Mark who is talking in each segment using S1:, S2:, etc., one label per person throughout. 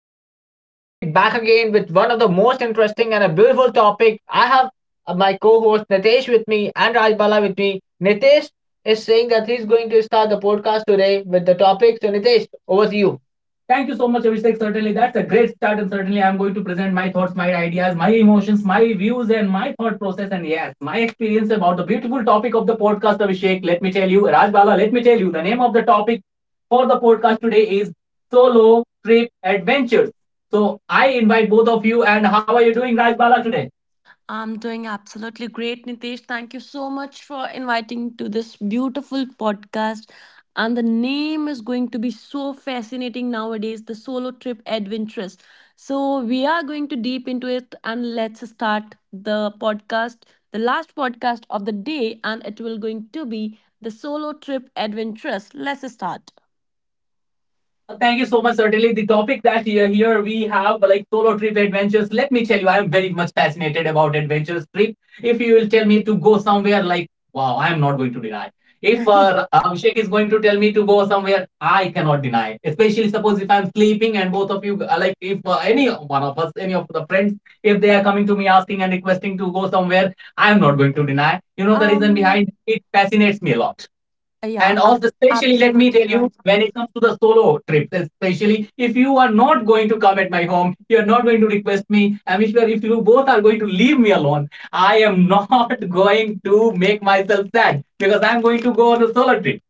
S1: podcast. This is Abhishek back again with one of the most interesting and a beautiful topic. I have my co-host Nitesh with me and Rajbala with me. Nitesh is saying that he's going to start the podcast today with the topic. So Nitesh, over to you. Thank you so much, Abhishek. Certainly, that's a great start, and certainly, I'm going to present my thoughts, my ideas, my emotions, my views, and my thought process, and yes, my experience about the beautiful topic of the podcast, Abhishek. Let me tell you, Rajbala, let me tell you, the name of the topic for the podcast today is solo trip adventures. So I invite both of you. And how are you doing, Rajbala, today?
S2: I'm doing absolutely great, Nitesh. Thank you so much for inviting to this beautiful podcast. And the name is going to be so fascinating nowadays, the solo trip adventures. So we are going to deep into it and let's start the podcast, the last podcast of the day, and it will going to be the solo trip adventures. Let's start.
S1: Thank you so much. Certainly, the topic that here we have like solo trip adventures. Let me tell you, I am very much fascinated about adventures trip. If you will tell me to go somewhere, like wow, I am not going to deny. If Abhishek is going to tell me to go somewhere, I cannot deny. Especially suppose if I am sleeping and both of you, like if any one of us, any of the friends, if they are coming to me asking and requesting to go somewhere, I am not going to deny. You know the reason behind
S2: um
S1: it fascinates me a lot.
S2: yeah,
S1: And
S2: ab-
S1: also, especially, let me
S2: absolutely
S1: tell you,
S2: right.
S1: when it comes to the solo trips, especially if you are not going to come at my home, you are not going to request me. I'm sure if you both are going to leave me alone, I am not going to make myself sad because I'm going to go on a solo trip.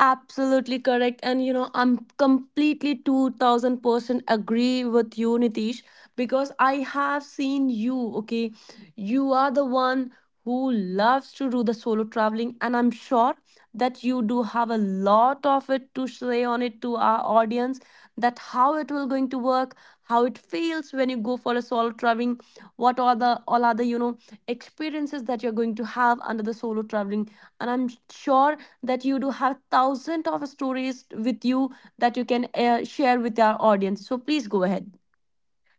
S2: Absolutely correct. And you know, I'm completely 2000% agree with you, Nitish, because I have seen you, okay? You are the one who loves to do the solo traveling, and I'm sure that you do have a lot of it to say on it to our audience that how it will going to work, how it feels when you go for a solo traveling, what are the all other, you know, experiences that you're going to have under the solo traveling. And I'm sure that you do have thousands of stories with you that you can share with our audience. So please go ahead.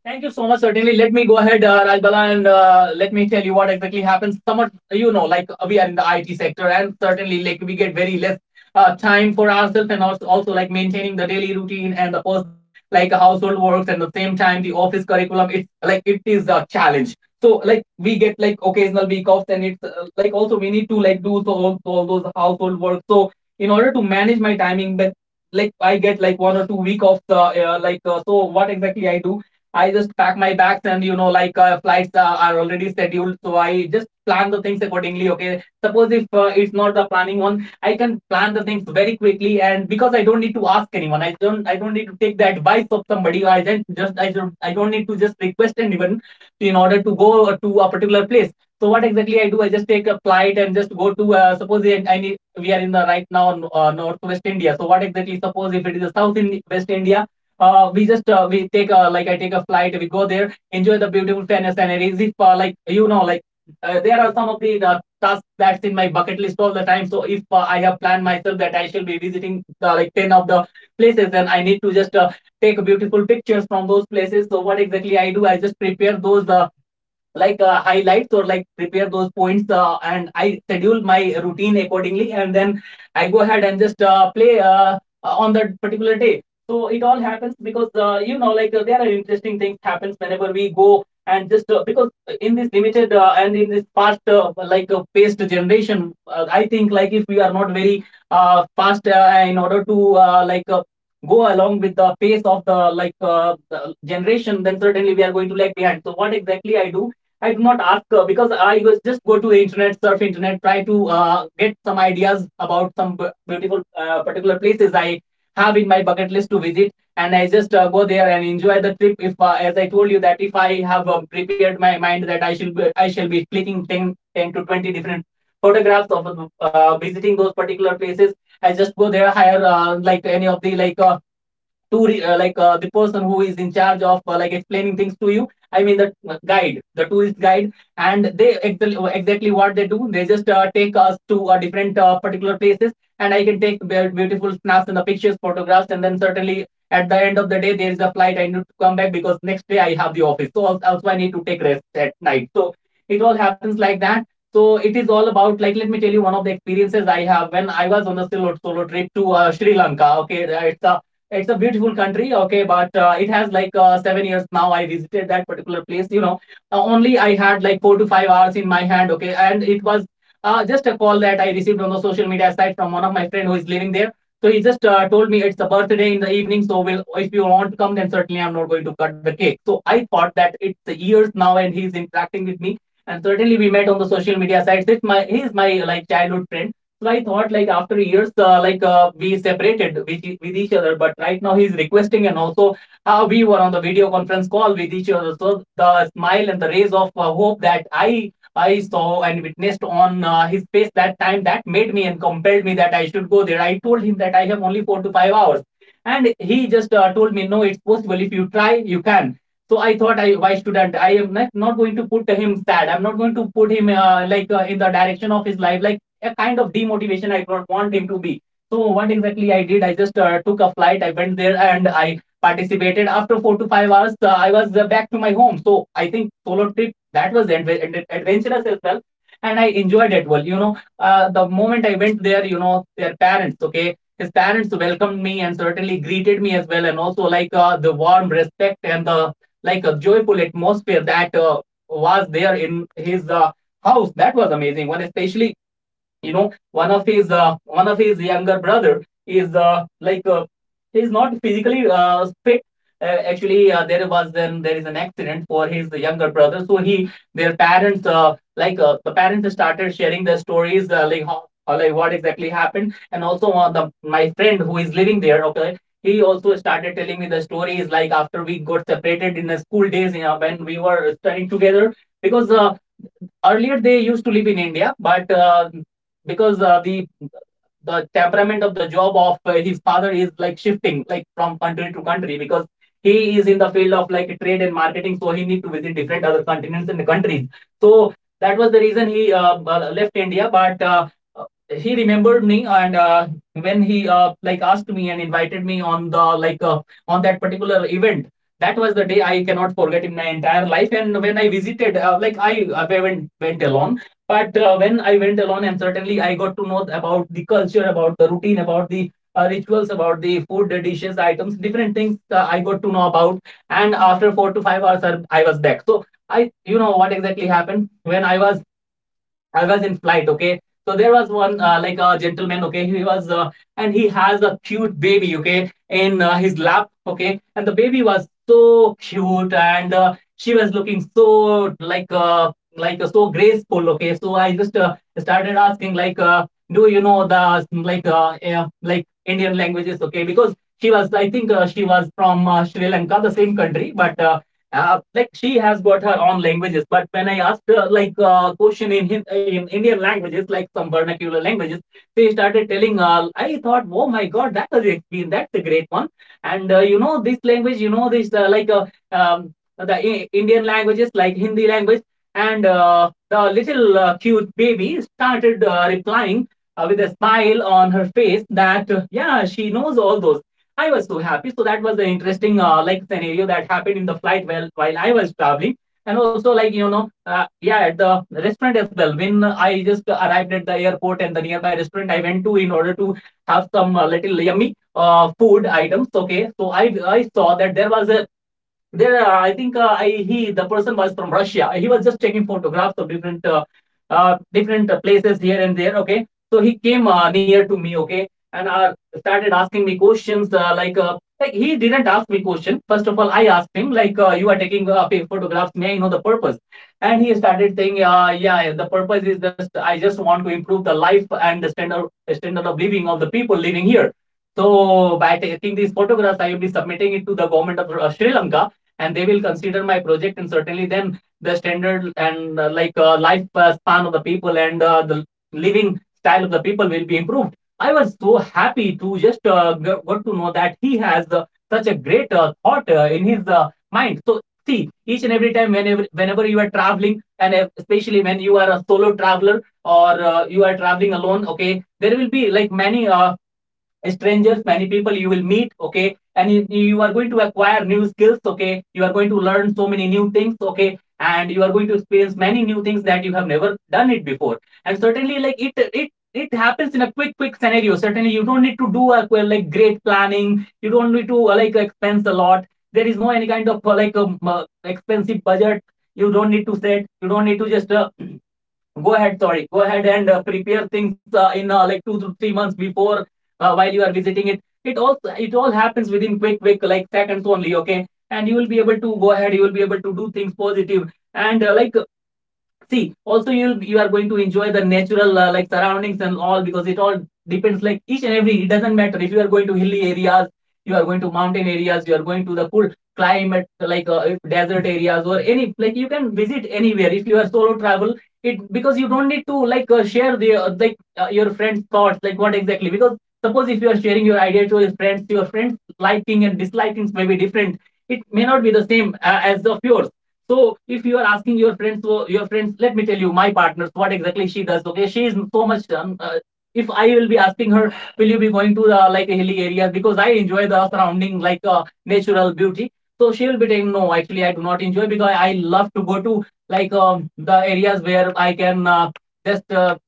S1: Thank you so much. Certainly, let me go ahead, Rajbala, and let me tell you what exactly happens. Somewhat, you know, like we are in the IT sector, and certainly, like we get very less time for ourselves, and also like maintaining the daily routine and the personal, like household works, and the same time the office curriculum. It's like it is a challenge. So like we get like occasional week offs, and it's like also we need to like do so all those household work. So in order to manage my timing, but like I get like 1 or 2 week offs, like so what exactly I do, I just pack my bags, and you know like flights are already scheduled, so I just plan the things accordingly. Okay, suppose if it's not the planning one, I can plan the things very quickly, and because I don't need to ask anyone, I don't need to take the advice of somebody. I don't need to just request anyone in order to go to a particular place. So what exactly I do? I just take a flight and just go to suppose I need, we are in the right now northwest India. So what exactly, suppose if it is a south in west India, we just we take a, like I take a flight. We go there, enjoy the beautiful fairness, and if like you know like there are some of the tasks that's in my bucket list all the time. So if I have planned myself that I shall be visiting the, like ten of the places, then I need to just take beautiful pictures from those places. So what exactly I do? I just prepare those like highlights or like prepare those points, and I schedule my routine accordingly, and then I go ahead and just play on that particular day. So it all happens because you know like there are interesting things happens whenever we go and just because in this limited and in this fast like paced generation, I think, like if we are not very fast in order to like go along with the pace of the like the generation, then certainly we are going to lag behind. So what exactly I do, I do not ask, because I was just go to the internet, surf internet, try to get some ideas about some beautiful particular places I have in my bucket list to visit, and I just go there and enjoy the trip. If as I told you that if I have prepared my mind that I shall be clicking 10, to 20 different photographs of visiting those particular places, I just go there, hire like any of the like. To like the person who is in charge of like explaining things to you, I mean the guide, the tourist guide, and they exactly what they do. They just take us to different particular places, and I can take beautiful snaps and the pictures, photographs, and then certainly at the end of the day there is a flight. I need to come back because next day I have the office, so also I need to take rest at night. So it all happens like that. So it is all about, like let me tell you one of the experiences I have when I was on a solo trip to Sri Lanka. Okay, it's a beautiful country, okay, but it has like 7 years now I visited that particular place. You know, only I had like 4 to 5 hours in my hand, okay, and it was just a call that I received on the social media site from one of my friend who is living there. So he just told me it's a birthday in the evening, so will if you want to come, then certainly I'm not going to cut the cake. So I thought that it's years now and he's interacting with me, and certainly we met on the social media sites. It's my, he's my like childhood friend. So I thought, like after years, like we separated with, with each other, but right now he's requesting, and also we were on the video conference call with each other. So the smile and the rays of hope that I saw and witnessed on his face that time, that made me and compelled me that I should go there. I told him that I have only 4 to 5 hours, and he just told me no, it's possible. If you try, you can. So I thought, I why shouldn't, I am not going to put him sad. I'm not going to put him like in the direction of his life like a kind of demotivation. I don't want him to be. So what exactly I did? I just took a flight. I went there and I participated. After 4 to 5 hours, I was back to my home. So I think solo trip that was adventurous as well, and I enjoyed it. Well, you know, the moment I went there, you know, their parents, okay, his parents welcomed me and certainly greeted me as well, and also like the warm respect and the like a joyful atmosphere that was there in his house. That was amazing. One especially, one of his younger brother is he's not physically fit. Actually, there was then there is an accident for his younger brother, so he their parents, the parents started sharing their stories, like like what exactly happened. And also, the my friend who is living there, okay, he also started telling me the stories, like after we got separated in the school days, you know, when we were studying together. Because earlier they used to live in India, but because the temperament of the job of his father is like shifting, like from country to country, because he is in the field of like trade and marketing, so he needs to visit different other continents and countries. So that was the reason he left India, but uh, he remembered me. And when he like asked me and invited me on the on that particular event, that was the day I cannot forget in my entire life. And when I visited, I went alone. But when I went alone, and certainly I got to know about the culture, about the routine, about the rituals, about the food, the dishes, the items, different things I got to know about. And after 4 to 5 hours, was back. So I, you know, what exactly happened when I was in flight, okay. So there was one like a gentleman, okay. He was and he has a cute baby, okay, in his lap, okay. And the baby was so cute, and she was looking so like so graceful, okay. So I just started asking, do you know the like Indian languages, okay? Because she was, I think, she was from Sri Lanka, the same country. But like she has got her own languages. But when I asked her question in Indian languages, like some vernacular languages, she started telling. I thought, oh my god, that's a great one. And you know this language, you know this, Indian languages like Hindi language. And the little cute baby started replying with a smile on her face that, yeah, she knows all those. I was so happy. So that was the interesting like scenario that happened in the flight while, I was traveling. And also, like, you know, yeah, at the restaurant as well. When I just arrived at the airport and the nearby restaurant I went to in order to have some little yummy food items. Okay, so I saw that there was a there I think, I he the person was from Russia. He was just taking photographs of different, different places here and there. Okay, so he came near to me, okay. And started asking me questions, like he didn't ask me question. First of all, I asked him, you are taking photographs. May I know the purpose? And he started saying, yeah, the purpose is just I just want to improve the life and the standard of living of the people living here. So by taking these photographs, I will be submitting it to the government of Sri Lanka, and they will consider my project. And certainly, then the standard and life span of the people and the living style of the people will be improved. I was so happy to just got to know that he has such a great thought in his mind. So see, each and every time, whenever you are traveling, and especially when you are a solo traveler, or you are traveling alone, okay, there will be like many strangers, many people you will meet, okay. And you, are going to acquire new skills, okay. You are going to learn so many new things, okay. And you are going to experience many new things that you have never done it before. And certainly, like it happens in a quick scenario. Certainly you don't need to do a well, like great planning. You don't need to like expense a lot. There is no any kind of expensive budget you don't need to just go ahead. Sorry, go ahead and prepare things in like 2 to 3 months before while you are visiting it. It all happens within quick like seconds only, okay. And you will be able to go ahead, you will be able to do things positive. And like see, also you, are going to enjoy the natural like surroundings and all, because it all depends, like each and every, it doesn't matter if you are going to hilly areas, you are going to mountain areas, you are going to the cool climate, desert areas, or any, like you can visit anywhere if you are solo travel. It because you don't need to share the your friends thoughts, like what exactly. Because suppose if you are sharing your idea to your friends, your friends liking and dislikings may be different, it may not be the same as of yours. So if you are asking your friends, so your friends, let me tell you, my partner, so what exactly she does. Okay, she is so much. If I will be asking her, will you be going to the like hilly areas because I enjoy the surrounding like natural beauty. So she will be saying, no, actually I do not enjoy, because I love to go to like the areas where I can just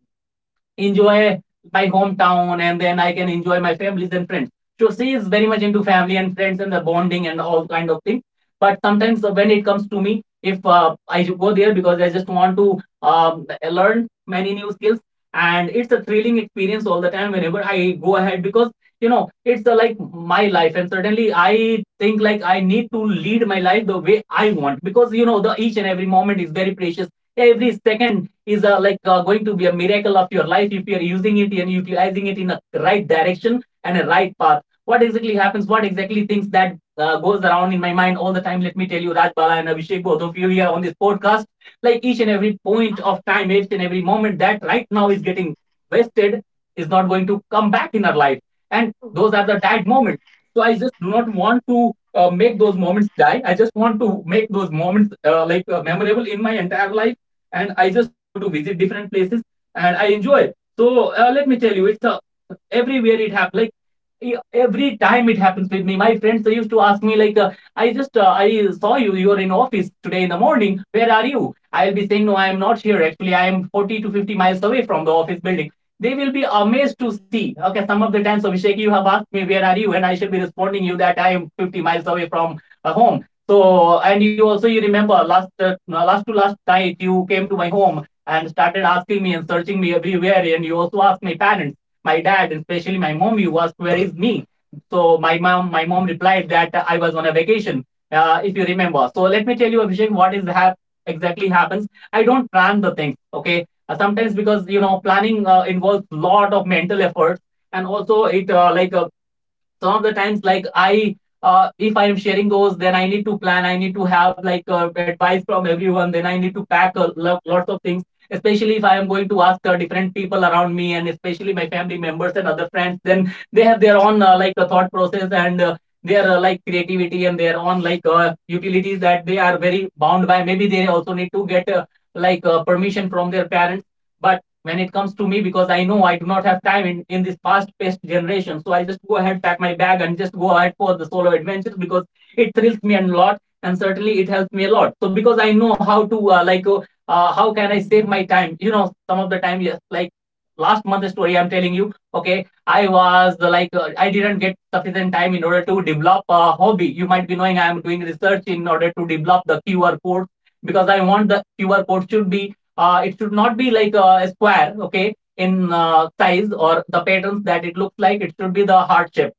S1: enjoy my hometown, and then I can enjoy my families and friends. So she is very much into family and friends and the bonding and all kind of things. But sometimes, when it comes to me, if I go there, because I just want to learn many new skills. And it's a thrilling experience all the time whenever I go ahead, because you know it's like my life. And certainly I think, like I need to lead my life the way I want, because you know the each and every moment is very precious. Every second is going to be a miracle of your life, if you're using it and utilizing it in a right direction and a right path. What exactly happens, what exactly things that goes around in my mind all the time. Let me tell you, Raj Bala and Abhishek, both of you here on this podcast, like each and every point of time, each and every moment that right now is getting wasted, is not going to come back in our life. And those are the died moments. So I just do not want to make those moments die. I just want to make those moments memorable in my entire life. And I just go to visit different places and I enjoy it. So let me tell you, it's a everywhere it happens. Like every time it happens with me. My friends used to ask me, I just I saw you, are in office today in the morning, where are you? I'll be saying, no, I am not here, actually I am 40 to 50 miles away from the office building. They will be amazed to see. Okay, some of the times, Abhishek, you have asked me, where are you? And I should be responding you that I am 50 miles away from home. So, and you also, you remember last, no, last to last night, you came to my home and started asking me and searching me everywhere. And you also asked my parents, my dad, especially my mom, you asked, where is me? So my mom replied that I was on a vacation, if you remember. So let me tell you, Abhishek, what exactly happens. I don't plan the things, okay? Sometimes, because you know planning involves a lot of mental effort. And also it some of the times, like I if I'm sharing those, then I need to plan, I need to have advice from everyone, then I need to pack lots of things, especially if I am going to ask different people around me, and especially my family members and other friends, then they have their own thought process and their like creativity and their own utilities that they are very bound by. Maybe they also need to get permission from their parents. But when it comes to me, because I know I do not have time, in this fast paced generation. So I just go ahead, pack my bag, and just go ahead for the solo adventures, because it thrills me a lot, and certainly it helps me a lot. So because I know how to how can I save my time? You know, some of the time, yes, like last month's story I'm telling you. Okay, I was I didn't get sufficient time in order to develop a hobby. You might be knowing I am doing research in order to develop the QR code because I want the QR code should be, it should not be like a square, okay, in size or the patterns that it looks like. It should be the heart shape,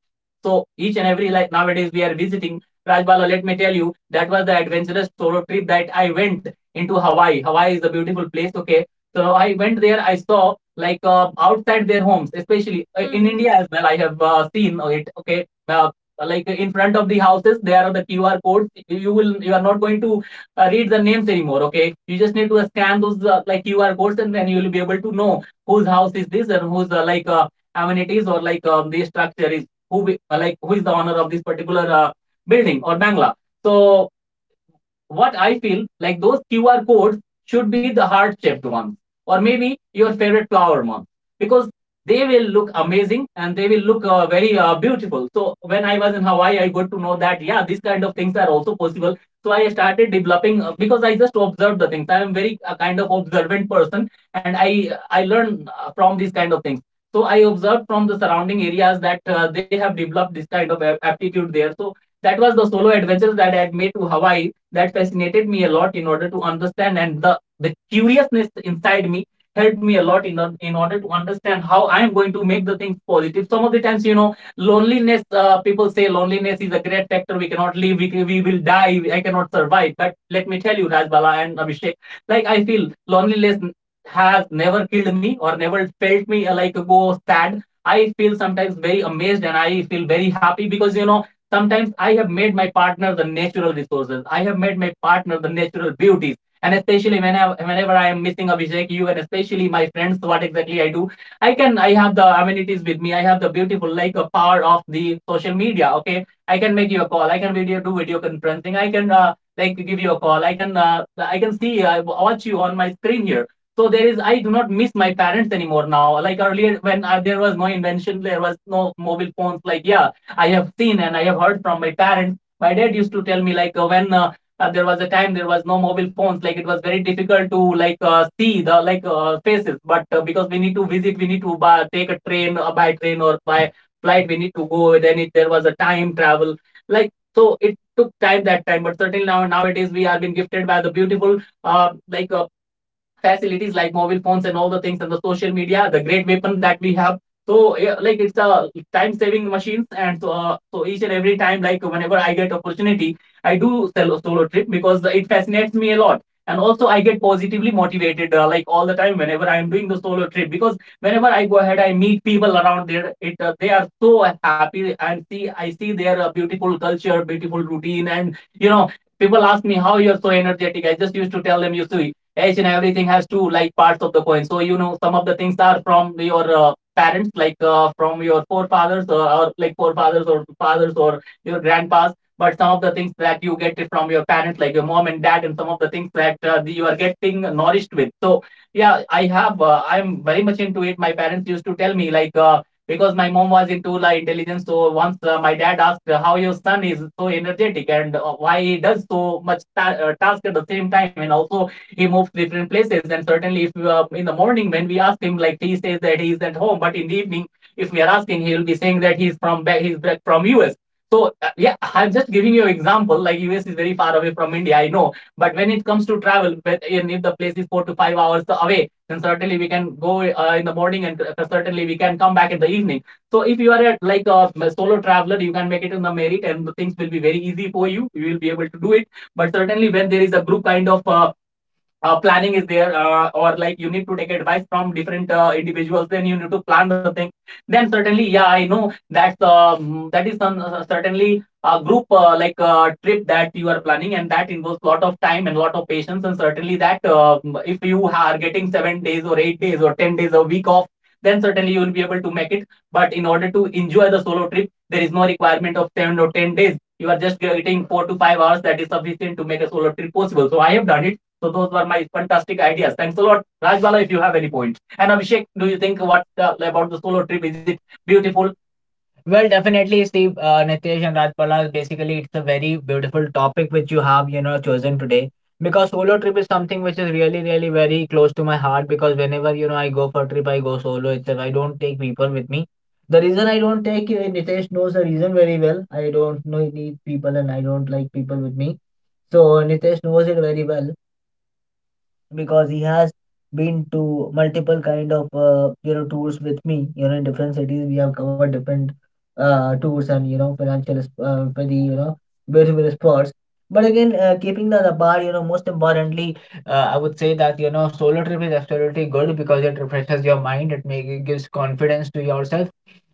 S1: so each and every, like, nowadays we are visiting. Rajbala, let me tell you, that was the adventurous solo trip that I went, into Hawaii. Hawaii is a beautiful place, okay. So I went there, I saw, like, outside their homes, especially in
S2: Mm-hmm.
S1: India as well I have seen it, okay. Like in front of the houses there are the QR codes. You are not going to read the names anymore. Okay, you just need to scan those like QR codes, and then you will be able to know whose house is this and whose amenities, or like, the structure is who be, like who is the owner of this particular building or bangla. So what I feel, like, those QR codes should be the heart shaped ones, or maybe your favorite flower ones, because they will look amazing and they will look very beautiful. So when I was in Hawaii, I got to know that yeah, these kind of things are also possible. So I started developing, because I just observed the things. I am very a kind of observant person, and I learn from these kind of things. So I observed from the surrounding areas that they have developed this kind of aptitude there. So that was the solo adventures that I had made to Hawaii that fascinated me a lot in order to understand, and the curiousness inside me helped me a lot in, in order to understand how I am going to make the things positive. Some of the times, you know, loneliness, people say loneliness is a great factor, we cannot live, we will die, I cannot survive. But let me tell you, Rajbala and Abhishek, like, I feel loneliness has never killed me or never felt me like go sad. I feel sometimes very amazed and I feel very happy, because, you know, sometimes I have made my partner the natural resources. I have made my partner the natural beauties. And especially when I, whenever I am missing Abhishek, you, and especially my friends, what exactly I do, I have the amenities with me. I have the beautiful, like, a power of the social media. Okay, I can make you a call. I can video do video conferencing. I can like give you a call. I can see watch you on my screen here. So there is, I do not miss my parents anymore now. Like earlier, when there was no invention, there was no mobile phones. Like, yeah, I have seen and I have heard from my parents. My dad used to tell me, like, when there was a time there was no mobile phones. Like, it was very difficult to, like, see the, like, faces. But because we need to visit, we need to take a train, by train or by flight. We need to go. Then there was a time travel. Like, so, it took time that time. But certainly now nowadays we are being gifted by the beautiful facilities like mobile phones and all the things, and the social media, the great weapon that we have. So yeah, like, it's a time saving machines. And so, so each and every time, like, whenever I get opportunity, I do solo trip because it fascinates me a lot. And also I get positively motivated like all the time whenever I am doing the solo trip, because whenever I go ahead I meet people around there. It They are so happy, and see, I see their beautiful culture, beautiful routine. And, you know, people ask me, how you're so energetic. I just used to tell them, you see, each and everything has two, like, parts of the coin. So, you know, some of the things are from your parents, like, from your forefathers, or forefathers or fathers or your grandpas. But some of the things that you get it from your parents, like your mom and dad, and some of the things that you are getting nourished with. So yeah, I'm very much into it. My parents used to tell me, like, because my mom was into, like, intelligence. So once my dad asked, how your son is so energetic and why he does so much task at the same time, and also he moves to different places. And certainly if, in the morning when we ask him, like, he says that he is at home, but in the evening if we are asking he will be saying that he's back from us. So yeah, I'm just giving you an example, like, US is very far away from India, I know, but when it comes to travel, but if the place is 4 to 5 hours away, then certainly we can go in the morning, and certainly we can come back in the evening. So if you are at, like, a solo traveler, you can make it in the merit and the things will be very easy for you, you will be able to do it. But certainly when there is a group kind of planning is there, or like you need to take advice from different individuals, then you need to plan the thing. Then certainly, yeah, I know that's that is some, certainly a group, trip that you are planning, and that involves a lot of time and a lot of patience. And certainly that, if you are getting 7 days or 8 days or 10 days a week off, then certainly you will be able to make it. But in order to enjoy the solo trip, there is no requirement of 7 or 10 days. You are just getting 4 to 5 hours, that is sufficient to make a solo trip possible. So I have done it. So those were my fantastic ideas. Thanks a lot, Rajbala. If you have any points, and Abhishek, do you think, what about the solo trip? Is it beautiful? Well, definitely, Steve, Nitesh and Rajbala, basically, it's a very beautiful topic which you have, you know, chosen today. Because solo trip is something which is really, really very close to my heart. Because whenever, you know, I go for a trip, I go solo itself. I don't take people with me. The reason I don't take you, Nitesh knows the reason very well. I don't know, need people, and I don't like people with me. So Nitesh knows it very well, because he has been to multiple kind of, you know, tours with me, you know, in different cities. We have covered different tours, and, you know, for the, you know, beautiful spots. But again, keeping that apart, you know, most importantly, I would say that, you know, solo trip is absolutely good, because it refreshes your mind, it gives confidence to yourself,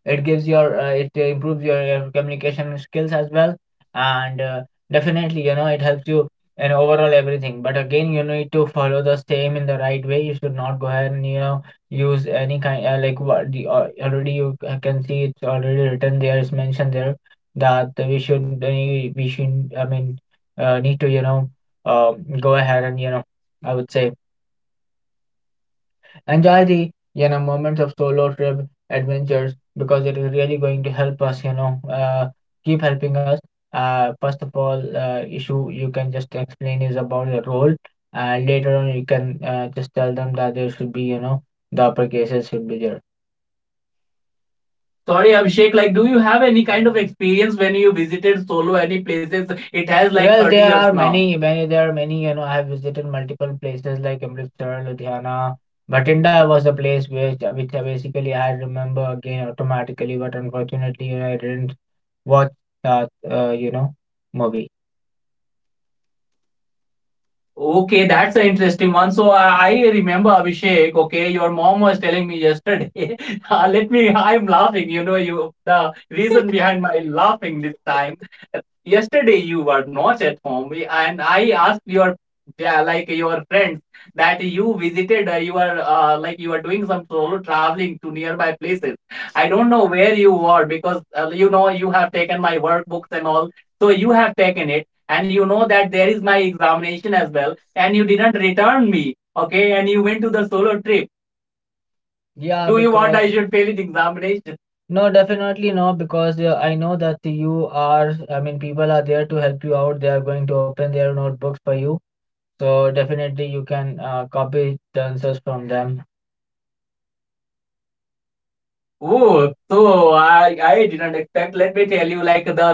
S1: it gives your, it improves your, communication skills as well. And definitely, you know, it helps you, and overall everything. But again, you need to follow the same in the right way. You should not go ahead and, you know, use any kind, like what the, already you can see, it's already written there, it's mentioned there, that we should, we should i mean need to, you know, go ahead and, you know, I would say, enjoy the, you know, moments of solo trip adventures, because it is really going to help us. You know, keep helping us. First of all, issue you can just explain is about the role, and later on you can just tell them that there should be, you know, the upper cases should be there. Sorry, Abhishek, like, do you have any kind of experience when you visited solo any places? It has like, well, 30 there years are now. Many, many, there are many, you know, I have visited multiple places, like Amritsar, Ludhiana, Bhatinda was a place which I basically I remember again automatically. But unfortunately, you know, I didn't watch that, you know, movie. Okay, that's an interesting one. So I remember, Abhishek. Okay, your mom was telling me yesterday. Let me, I'm laughing, you know, you the reason behind my laughing this time. Yesterday you were not at home, and I asked your, yeah, like, your friends that you visited. You were, like, you were doing some solo traveling to nearby places. I don't know where you were, because, you know, you have taken my workbooks and all. So you have taken it, and you know that there is my examination as well, and you didn't return me. Okay, and you went to the solo trip. Yeah, do you want I should fail the examination? No, definitely no, because I know that are, I mean, people are there to help you out. They are going to open their notebooks for you. So definitely you can copy the answers from them. Oh, so I didn't expect. Let me tell you, like the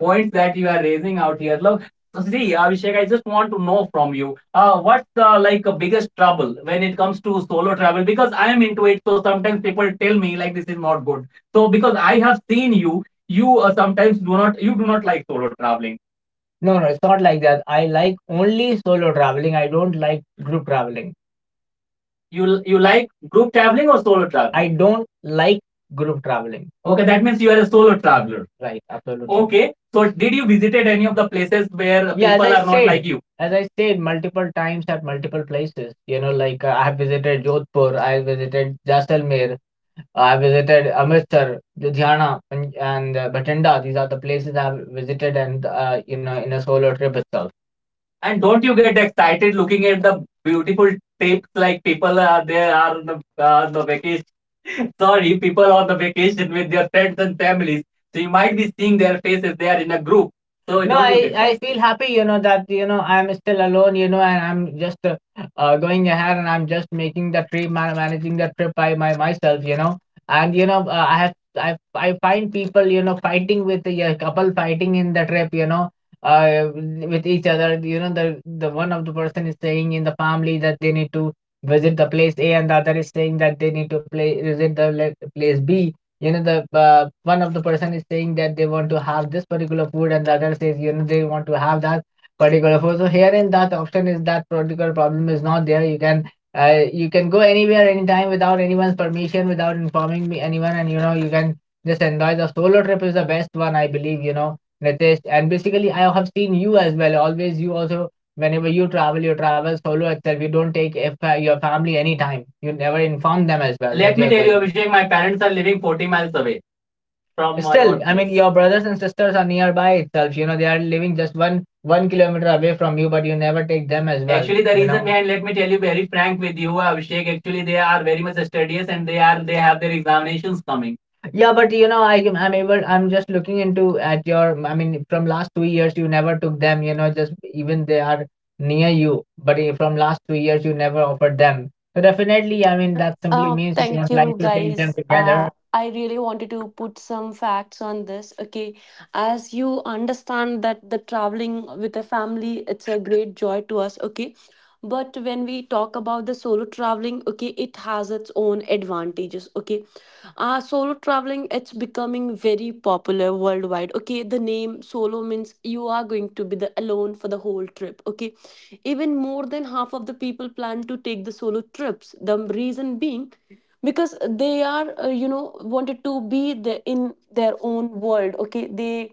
S1: points that you are raising out here. Look, see, Abhishek, I just want to know from you. What's the biggest trouble when it comes to solo travel? Because I am into it, so sometimes people tell me like this is not good. So because I have seen you, you sometimes do not like solo traveling. No, no, it's not like that. I like only solo traveling. I don't like group traveling. You like group traveling or solo traveling? I don't like group traveling. Okay, that means you are a solo traveler. Right, absolutely. Okay, so did you visited any of the places where people, yeah, as I are said, not like you? As I said multiple times at multiple places, you know, like I have visited Jodhpur, I visited Jaisalmer, I visited Amritsar, Ludhiana, and Bhatinda. These are the places I have visited, and you know, in a solo trip itself. And don't you get excited looking at the beautiful tapes like people are on the vacation? Sorry, people on the vacation with their friends and families. So you might be seeing their faces. They are in a group. So no, don't you I get I feel happy, you know, that you know I'm still alone, you know, and I'm just going ahead, and I'm just making the trip managing the trip by my myself, you know. And you know, I have I, I find people, you know, fighting with, yeah, a couple fighting in the trip, you know, with each other. You know, the one of the person is saying in the family that they need to visit the place A, and the other is saying that they need to play visit the place B. You know, the one of the person is saying that they want to have this particular food, and the other says, you know, they want to have that particular food. So here in that option, is that particular problem is not there. You can. You can go anywhere, anytime, without anyone's permission, without informing me anyone, and you know, you can just enjoy the solo trip is the best one, I believe, you know, Ritesh. And basically I have seen you as well. Always you also, whenever you travel solo itself. You don't take if your family any time. You never inform them as well that let you me are tell you, going. Abhishek, my parents are living 40 miles away from my still own I mean place. Your brothers and sisters are nearby itself, you know, they are living just one kilometer away from you, but you never take them as well. Actually, the you reason know, behind, let me tell you very frank with you, Abhishek. Actually, they are very much studious, and they have their examinations coming. Yeah, but you know, I'm able, I'm just looking into at your I mean from last 2 years you never took them, you know, just even they are near you, but from last 2 years you never offered them. So definitely, I mean, that simply means you
S2: Thank
S1: don't like
S2: you,
S1: to take
S2: guys.
S1: them together.
S2: I really wanted to put some facts on this. Okay, as you understand that the traveling with a family, it's a great joy to us. Okay, but when we talk about the solo traveling, okay, it has its own advantages. Okay, solo traveling, it's becoming very popular worldwide. Okay, the name solo means you are going to be the alone for the whole trip. Okay, even more than half of the people plan to take the solo trips. The reason being because they are, you know, wanted to be the, in their own world. Okay, they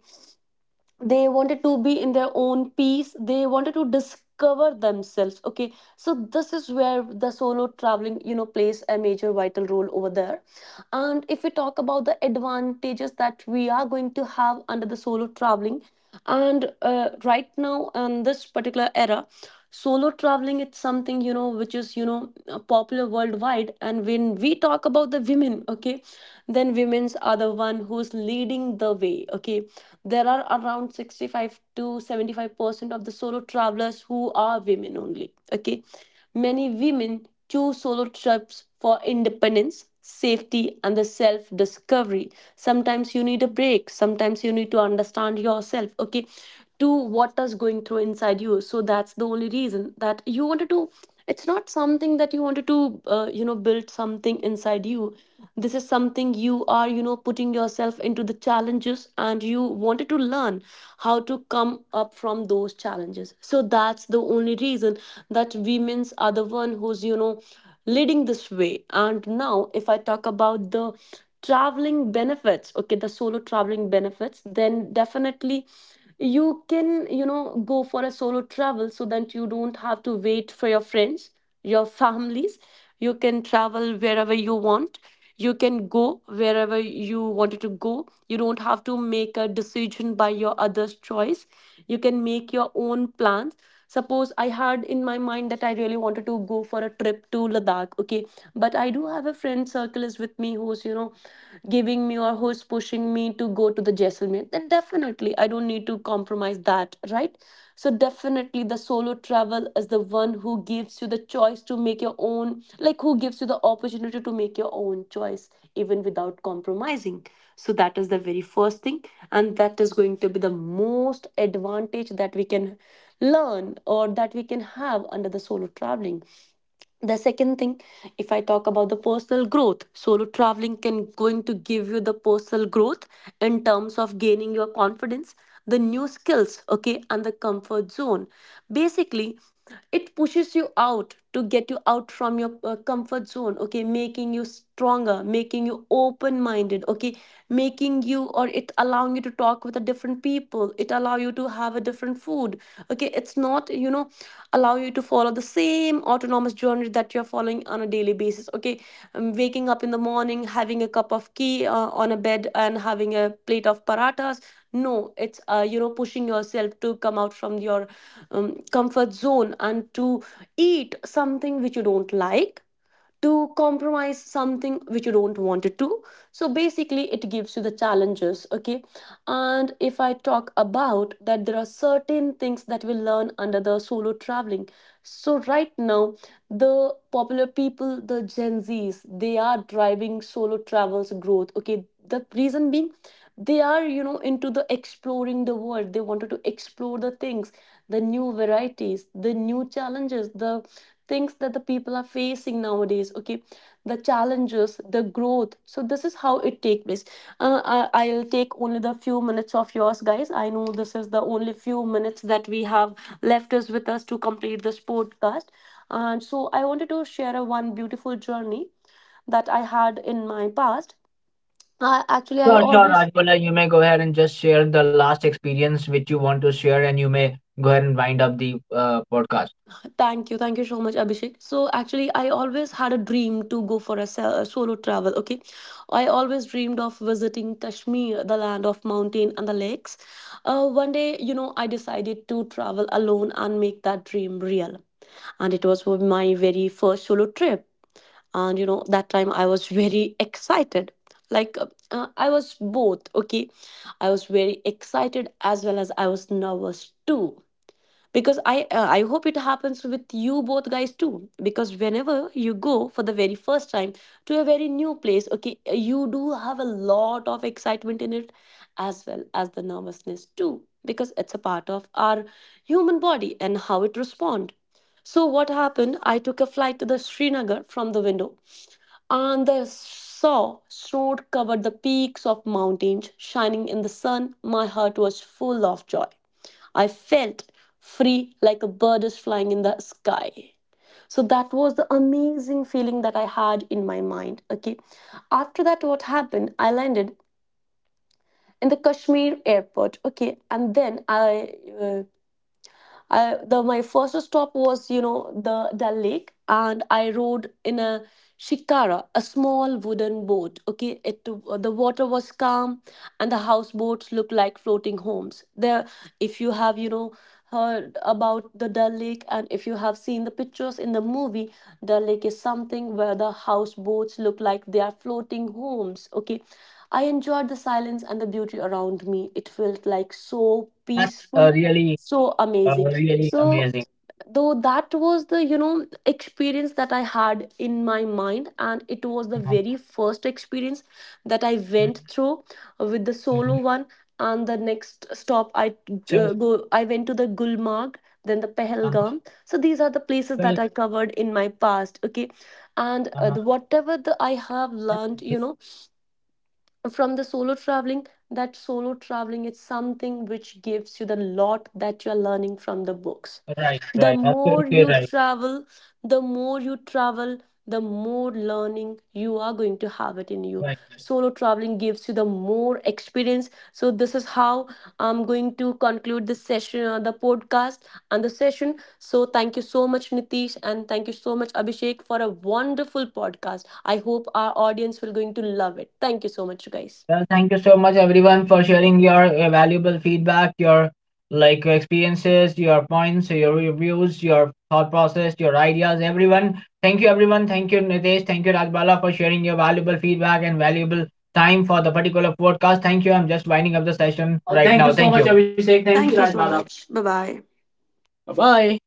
S2: they wanted to be in their own peace. They wanted to discover themselves, okay? So this is where the solo traveling, you know, plays a major vital role over there. And if we talk about the advantages that we are going to have under the solo traveling, and right now in this particular era, solo traveling, it's something, you know, which is, you know, popular worldwide. And when we talk about the women, okay, then women's are the one who's leading the way, okay? There are around 65 to 75% of the solo travelers who are women only, okay. Many women choose solo trips for independence, safety, and the self discovery. Sometimes you need a break, sometimes you need to understand yourself, okay, to what is going through inside you. So that's the only reason that you wanted to. It's not something that you wanted to, you know, build something inside you. This is something you are, you know, putting yourself into the challenges, and you wanted to learn how to come up from those challenges. So that's the only reason that women's are the one who's, you know, leading this way. And now if I talk about the traveling benefits, okay, the solo traveling benefits, then definitely you can, you know, go for a solo travel so that you don't have to wait for your friends, your families. You can travel wherever you want. You can go wherever you wanted to go. You don't have to make a decision by your other's choice. You can make your own plans. Suppose I had in my mind that I really wanted to go for a trip to Ladakh, okay, but I do have a friend circle is with me who's, you know, giving me or who's pushing me to go to the Jaisalmer, then definitely I don't need to compromise that, right? So definitely the solo travel is the one who gives you the choice to make your own, like who gives you the opportunity to make your own choice even without compromising. So that is the very first thing, and that is going to be the most advantage that we can learn or that we can have under the solo traveling. The second thing, if I talk about the personal growth, solo traveling can going to give you the personal growth in terms of gaining your confidence, the new skills, okay, and the comfort zone. Basically, it pushes you out to get you out from your comfort zone, okay, making you stronger, making you open minded, okay, making you or it allowing you to talk with a different people. It allow you to have a different food, okay. It's not, you know, allow you to follow the same autonomous journey that you're following on a daily basis, okay. Waking up in the morning, having a cup of tea on a bed and having a plate of paratas. No, it's you know, pushing yourself to come out from your comfort zone and to eat something which you don't like, to compromise something which you don't want it to. So basically it gives you the challenges, okay. And if I talk about that, there are certain things that we learn under the solo traveling. So right now, the popular people, the Gen Z's, they are driving solo travels growth, okay. The reason being, they are, you know, into the exploring the world. They wanted to explore the things, the new varieties, the new challenges, the things that the people are facing nowadays, okay, the challenges, the growth. So this is how it take place. I'll take only the few minutes of yours, guys. I know this is the only few minutes that we have left us with us to complete this podcast. And so I wanted to share a one beautiful journey that I had in my past. Actually, I
S1: Sure, sure,
S2: always.
S1: Rajpal, you may go ahead and just share the last experience which you want to share, and you may go ahead and wind up the podcast.
S2: Thank you. Thank you so much, Abhishek. So, actually, I always had a dream to go for a, a solo travel. Okay. I always dreamed of visiting Kashmir, the land of mountain and the lakes. One day, you know, I decided to travel alone and make that dream real. And it was for my very first solo trip. And, you know, that time I was very excited. Like, uh, I was both. Okay. I was very excited as well as I was nervous too, because I hope it happens with you both guys too, because whenever you go for the very first time to a very new place, okay, you do have a lot of excitement in it as well as the nervousness too, because it's a part of our human body and how it respond. So what happened? I took a flight to the Srinagar. From the window, and the saw snow covered the peaks of mountains shining in the sun, my heart was full of joy. I felt free like a bird is flying in the sky. So that was the amazing feeling that I had in my mind. Okay. After that, what happened? I landed in the Kashmir airport. Okay. And then uh, the my first stop was, you know, the Dal Lake, and I rode in a shikara, a small wooden boat. Okay, it the water was calm, and the houseboats looked like floating homes. There, if you have, you know, heard about the Dal Lake, and if you have seen the pictures in the movie, Dal Lake is something where the houseboats look like they are floating homes. Okay, I enjoyed the silence and the beauty around me. It felt like so
S1: That's
S2: peaceful, so amazing.
S1: really
S2: So,
S1: amazing.
S2: though that was the, you know, experience that I had in my mind, and it was the
S1: Uh-huh.
S2: very first experience that I
S1: Mhm,
S2: went through with the
S1: mhm.
S2: solo one. And the next stop,
S1: So,
S2: I went to the Gulmarg, then the
S1: uh,
S2: Pahalgam. So these are the places
S1: well,
S2: that I covered in my past. Okay, and
S1: uh,
S2: whatever the I have
S1: that's
S2: learned, you
S1: nice.
S2: know, from the solo traveling, that solo traveling is something which gives you the lot that you are learning from the books.
S1: Right,
S2: the
S1: right,
S2: more
S1: absolutely
S2: you
S1: right,
S2: travel the more you travel, the more learning you are going to have it in you.
S1: right, right.
S2: Solo traveling gives you the more experience. So this is how I'm going to conclude this session, the podcast and the session. So thank you so much, Nitish, and thank you so much, Abhishek, for a wonderful podcast. I hope our audience will going to love it. Thank you so much, guys.
S1: Well, thank you so much everyone for sharing your valuable feedback, your like your experiences, your points, your reviews, your thought process, your ideas, everyone. Thank you everyone. Thank you Nitesh. Thank you Rajbala for sharing your valuable feedback and valuable time for the particular podcast. Thank you. I'm just winding up the session right Thank now. You so Thank much, you. Abhishek. Thank you,
S2: Thank you so
S1: Rajbala.
S2: much. Bye bye.
S1: Bye bye.